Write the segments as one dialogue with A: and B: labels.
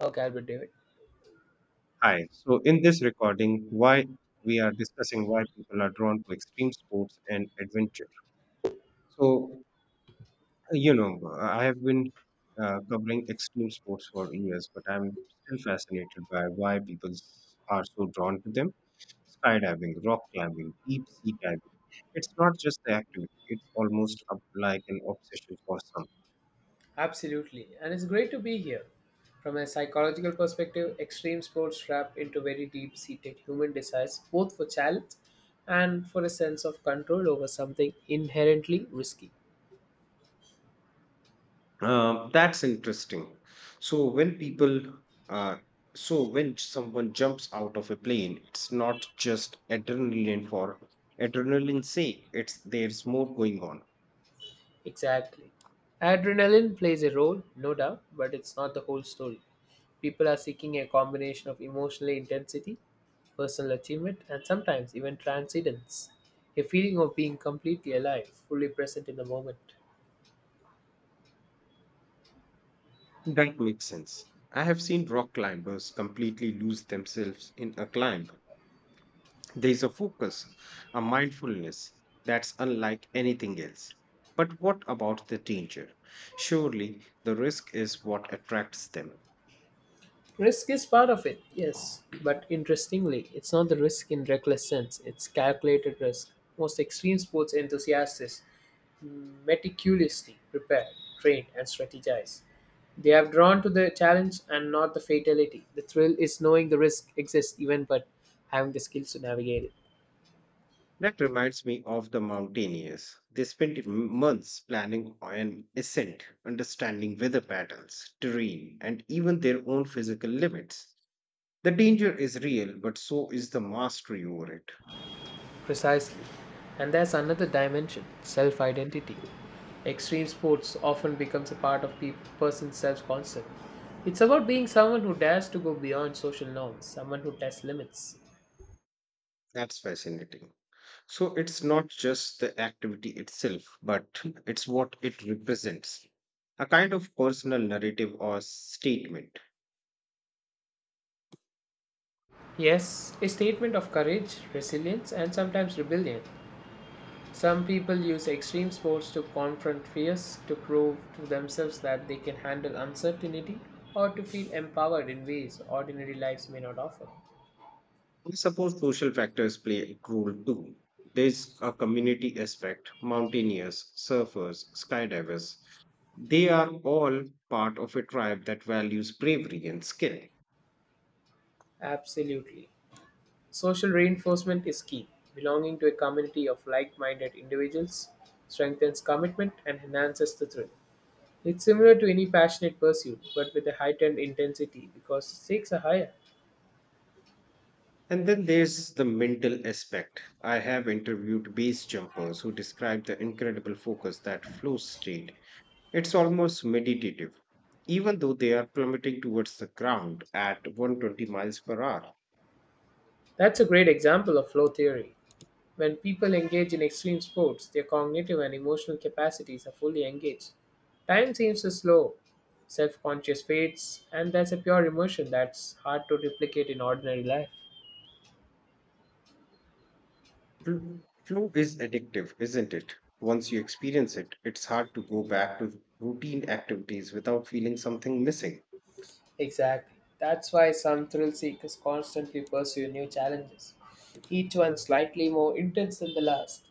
A: Okay, Albert David.
B: Hi. So, in this recording, why we are discussing why people are drawn to extreme sports and adventure. So, you know, I have been covering extreme sports for years, but I'm still fascinated by why are so drawn to them. Skydiving, rock climbing, deep sea diving. It's not just the activity, it's almost up like an obsession for some.
A: Absolutely. And it's great to be here. From a psychological perspective, extreme sports wrap into very deep seated human desires, both for challenge and for a sense of control over something inherently risky.
B: That's interesting. So when people, uh, so when someone jumps out of a plane, it's not just adrenaline for adrenaline sake. It's there's more going on.
A: Exactly. Adrenaline plays a role, no doubt, but it's not the whole story. People are seeking a combination of emotional intensity, personal achievement, and sometimes even transcendence. A feeling of being completely alive, fully present in the moment.
B: That makes sense. I have seen rock climbers completely lose themselves in a climb. There is a focus, a mindfulness that's unlike anything else. But what about the danger? Surely the risk is what attracts them.
A: Risk is part of it, yes. But interestingly, it's not the risk in reckless sense, it's calculated risk. Most extreme sports enthusiasts meticulously prepare, train, and strategize. They have drawn to the challenge and not the fatality. The thrill is knowing the risk exists even but having the skills to navigate it.
B: That reminds me of the mountaineers. They spend months planning an ascent, understanding weather patterns, terrain, and even their own physical limits. The danger is real, but so is the mastery over it.
A: Precisely. And there's another dimension self identity. Extreme sports often becomes a part of a person's self concept. It's about being someone who dares to go beyond social norms, someone who tests limits.
B: That's fascinating. So it's not just the activity itself, but it's what it represents a kind of personal narrative or statement.
A: Yes, a statement of courage, resilience, and sometimes rebellion. Some people use extreme sports to confront fears, to prove to themselves that they can handle uncertainty, or to feel empowered in ways ordinary lives may not offer.
B: I suppose social factors play a role too. There's a community aspect, mountaineers, surfers, skydivers. They are all part of a tribe that values bravery and skill.
A: Absolutely. Social reinforcement is key. Belonging to a community of like minded individuals strengthens commitment and enhances the thrill. It's similar to any passionate pursuit, but with a heightened intensity because the stakes are higher.
B: And then there's the mental aspect. I have interviewed base jumpers who describe the incredible focus that flow state. It's almost meditative, even though they are plummeting towards the ground at 120 miles per hour.
A: That's a great example of flow theory. When people engage in extreme sports, their cognitive and emotional capacities are fully engaged. Time seems to slow, self conscious fades, and that's a pure emotion that's hard to replicate in ordinary life.
B: Flu true is addictive, isn't it? Once you experience it, it's hard to go back to routine activities without feeling something missing.
A: Exactly. That's why some thrill seekers constantly pursue new challenges, each one slightly more intense than the last.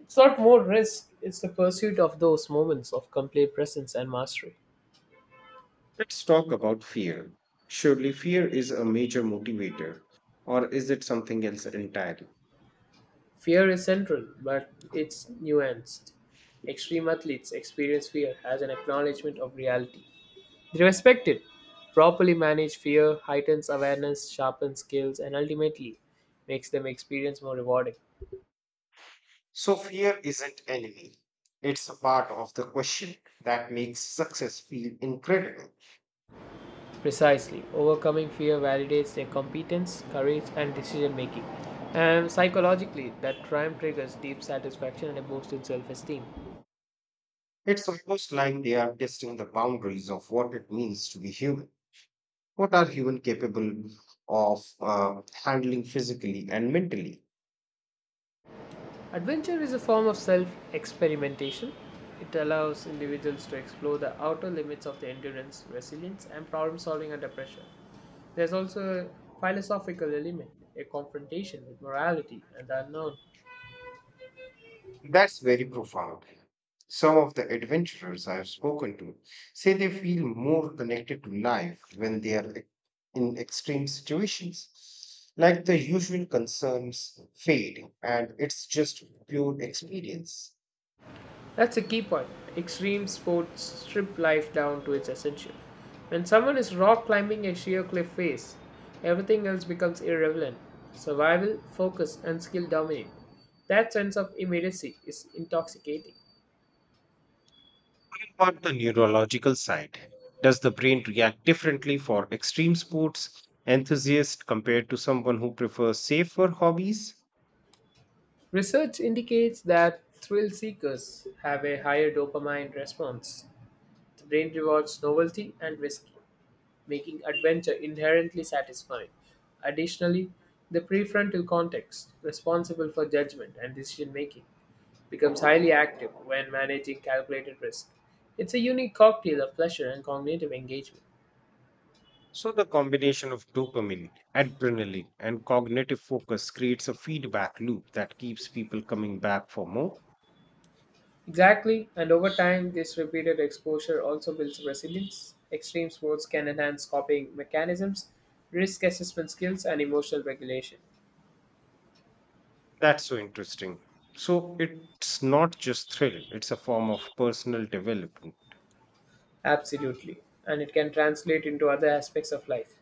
A: It's not more risk, it's the pursuit of those moments of complete presence and mastery.
B: Let's talk about fear. Surely fear is a major motivator, or is it something else entirely?
A: Fear is central, but it's nuanced. Extreme athletes experience fear as an acknowledgement of reality. They respect it. Properly managed fear heightens awareness, sharpens skills, and ultimately makes them experience more rewarding.
B: So fear isn't enemy. It's a part of the question that makes success feel incredible.
A: Precisely. Overcoming fear validates their competence, courage, and decision making. And psychologically, that triumph triggers deep satisfaction and a boost in self esteem.
B: It's almost like they are testing the boundaries of what it means to be human. What are human capable of handling physically and mentally?
A: Adventure is a form of self experimentation. It allows individuals to explore the outer limits of their endurance, resilience, and problem solving under pressure. There's also a philosophical element, a confrontation with morality and the unknown.
B: That's very profound. Some of the adventurers I have spoken to say they feel more connected to life when they are in extreme situations, like the usual concerns fade and it's just pure experience.
A: That's a key point. Extreme sports strip life down to its essential. When someone is rock climbing a sheer cliff face, everything else becomes irrelevant. Survival, focus, and skill dominate. That sense of immediacy is intoxicating.
B: About the neurological side? Does the brain react differently for extreme sports enthusiasts compared to someone who prefers safer hobbies?
A: Research indicates that thrill seekers have a higher dopamine response. The brain rewards novelty and risk, making adventure inherently satisfying. Additionally, the prefrontal cortex, responsible for judgment and decision making, becomes highly active when managing calculated risk. It's a unique cocktail of pleasure and cognitive engagement.
B: So, the combination of dopamine, adrenaline, and cognitive focus creates a feedback loop that keeps people coming back for more.
A: Exactly, and over time, this repeated exposure also builds resilience. Extreme sports can enhance coping mechanisms, risk assessment skills, and emotional regulation.
B: That's so interesting. So, it's not just thrill, it's a form of personal development.
A: Absolutely, and it can translate into other aspects of life.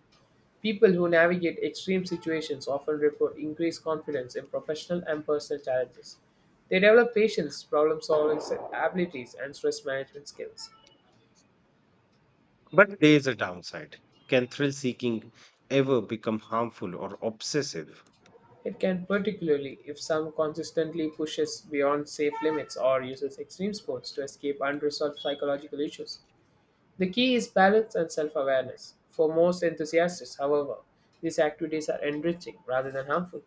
A: People who navigate extreme situations often report increased confidence in professional and personal challenges. They develop patience, problem solving abilities, and stress management skills.
B: But there is a downside. Can thrill seeking ever become harmful or obsessive?
A: It can, particularly if someone consistently pushes beyond safe limits or uses extreme sports to escape unresolved psychological issues. The key is balance and self awareness. For most enthusiasts, however, these activities are enriching rather than harmful.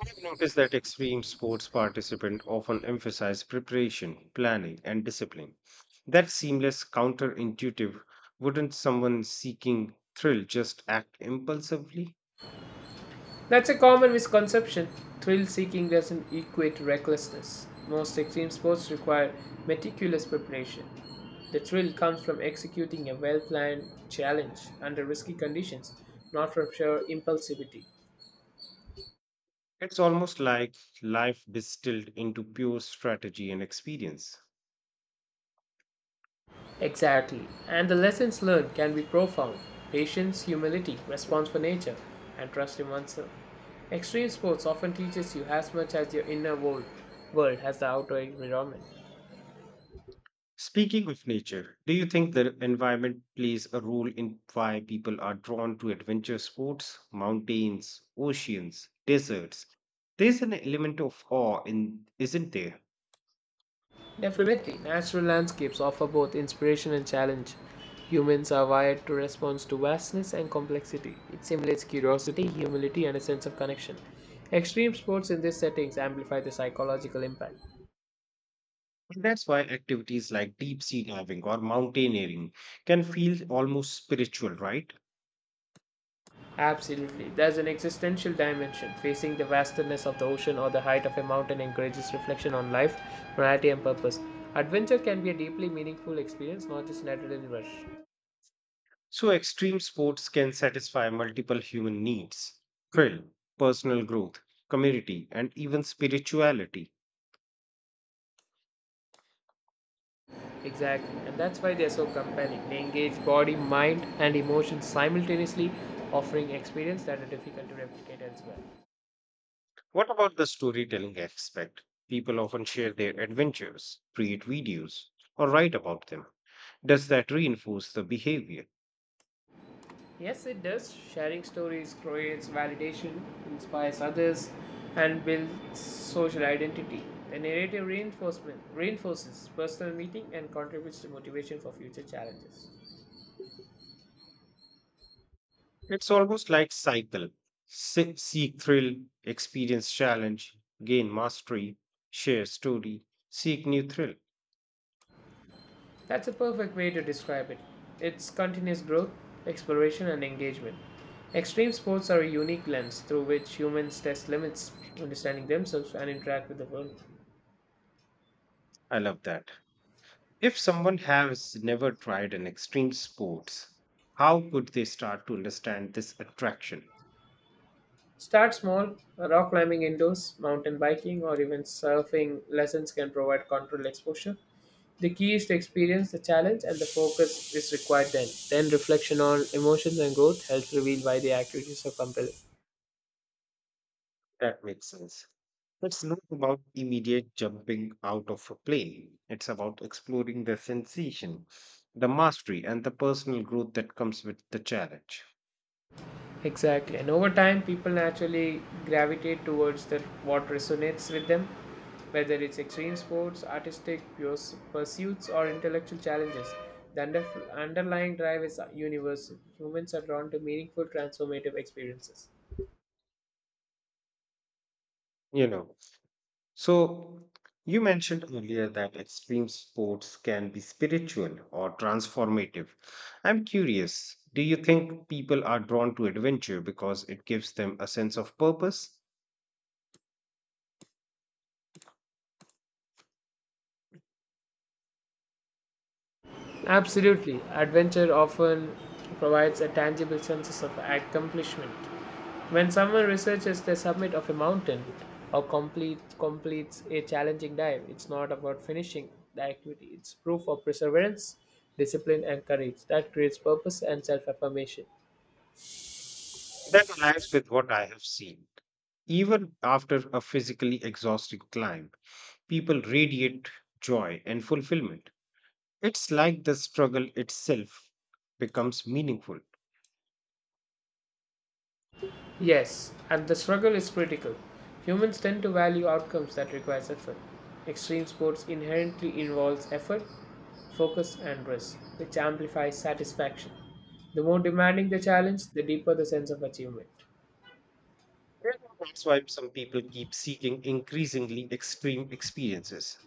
B: I've noticed that extreme sports participants often emphasize preparation, planning, and discipline. That seamless, counterintuitive, wouldn't someone seeking thrill just act impulsively?
A: That's a common misconception. Thrill seeking doesn't equate recklessness. Most extreme sports require meticulous preparation. The thrill comes from executing a well planned challenge under risky conditions, not from sheer impulsivity.
B: It's almost like life distilled into pure strategy and experience.
A: Exactly. And the lessons learned can be profound patience, humility, response for nature, and trust in oneself. Extreme sports often teaches you as much as your inner world has the outer environment.
B: Speaking of nature, do you think the environment plays a role in why people are drawn to adventure sports, mountains, oceans, deserts? There's an element of awe in, isn't there?
A: Definitely, natural landscapes offer both inspiration and challenge. Humans are wired to respond to vastness and complexity. It simulates curiosity, humility, and a sense of connection. Extreme sports in these settings amplify the psychological impact.
B: That's why activities like deep sea diving or mountaineering can feel almost spiritual, right?
A: Absolutely. There's an existential dimension. Facing the vastness of the ocean or the height of a mountain encourages reflection on life, morality, and purpose. Adventure can be a deeply meaningful experience, not just an adrenaline rush.
B: So, extreme sports can satisfy multiple human needs thrill, personal growth, community, and even spirituality.
A: Exactly, and that's why they're so compelling. They engage body, mind, and emotions simultaneously, offering experience that are difficult to replicate elsewhere.
B: What about the storytelling aspect? People often share their adventures, create videos, or write about them. Does that reinforce the behavior?
A: Yes, it does. Sharing stories creates validation, inspires others, and builds social identity. The narrative reinforcement reinforces personal meaning and contributes to motivation for future challenges.
B: It's almost like cycle. Seek thrill, experience challenge, gain mastery, share story, seek new thrill.
A: That's a perfect way to describe it. It's continuous growth, exploration, and engagement. Extreme sports are a unique lens through which humans test limits, understanding themselves, and interact with the world.
B: I love that. If someone has never tried an extreme sports, how could they start to understand this attraction?
A: Start small rock climbing indoors, mountain biking, or even surfing lessons can provide controlled exposure. The key is to experience the challenge and the focus is required then. Then reflection on emotions and growth helps reveal why the activities are compelling.
B: That makes sense. It's not about immediate jumping out of a plane. It's about exploring the sensation, the mastery, and the personal growth that comes with the challenge.
A: Exactly. And over time, people naturally gravitate towards what resonates with them, whether it's extreme sports, pursuits, or intellectual challenges. The underlying drive is universal. Humans are drawn to meaningful, transformative experiences.
B: You know, So, you mentioned earlier that extreme sports can be spiritual or transformative. I'm curious, do you think people are drawn to adventure because it gives them a sense of purpose?
A: Absolutely. Adventure often provides a tangible sense of accomplishment. When someone researches the summit of a mountain or completes a challenging dive, it's not about finishing the activity, it's proof of perseverance, discipline, and courage that creates purpose and self affirmation.
B: That aligns with what I have seen. Even after a physically exhausting climb, people radiate joy and fulfillment. It's like the struggle itself becomes meaningful.
A: Yes, and the struggle is critical. Humans tend to value outcomes that requires effort. Extreme sports inherently involves effort, focus, and risk, which amplifies satisfaction. The more demanding the challenge, the deeper the sense of achievement.
B: Well, that's why some people keep seeking increasingly extreme experiences.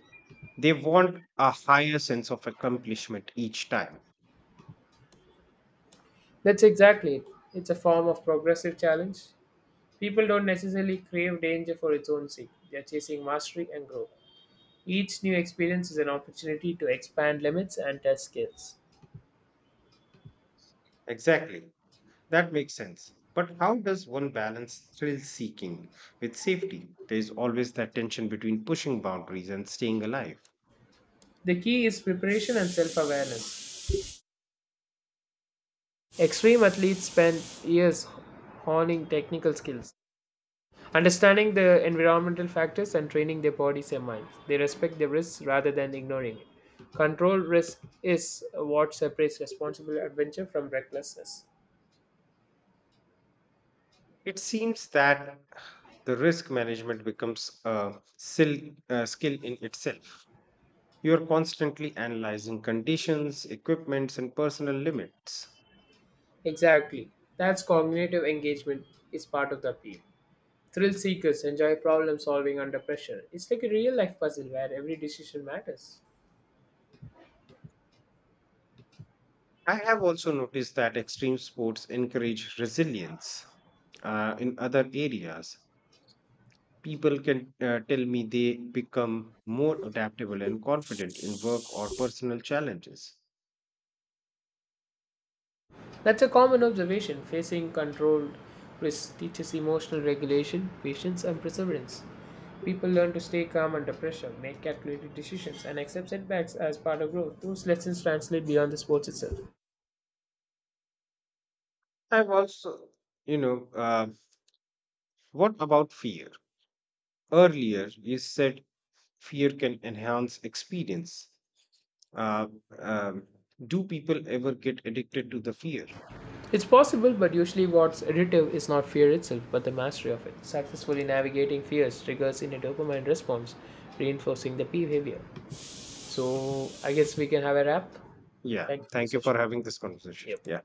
B: They want a higher sense of accomplishment each time.
A: That's exactly it. It's a form of progressive challenge. People don't necessarily crave danger for its own sake, they're chasing mastery and growth. Each new experience is an opportunity to expand limits and test skills.
B: Exactly. That makes sense. But how does one balance thrill seeking with safety? There is always that tension between pushing boundaries and staying alive.
A: The key is preparation and self awareness. Extreme athletes spend years honing technical skills, understanding the environmental factors and training their bodies and minds. They respect the risks rather than ignoring it. Controlled risk is what separates responsible adventure from recklessness.
B: It seems that the risk management becomes a skill in itself. You are constantly analyzing conditions, equipments, and personal limits.
A: Exactly. That's cognitive engagement is part of the appeal. Thrill seekers enjoy problem solving under pressure. It's like a real life puzzle where every decision matters.
B: I have also noticed that extreme sports encourage resilience. In other areas, people can tell me they become more adaptable and confident in work or personal challenges.
A: That's a common observation. Facing controlled risk teaches emotional regulation, patience, and perseverance. People learn to stay calm under pressure, make calculated decisions, and accept setbacks as part of growth. Those lessons translate beyond the sports itself.
B: I've also, you know, What about fear? Earlier, you said fear can enhance experience. Uh, um, do people ever get addicted to the fear?
A: It's possible, but usually what's additive is not fear itself, but the mastery of it. Successfully navigating fears triggers in a dopamine response, reinforcing the behavior. So, I guess we can have a wrap.
B: Yeah.
A: Thank you for the
B: Thank you for
A: session.
B: having this conversation.
A: Yep.
B: Yeah.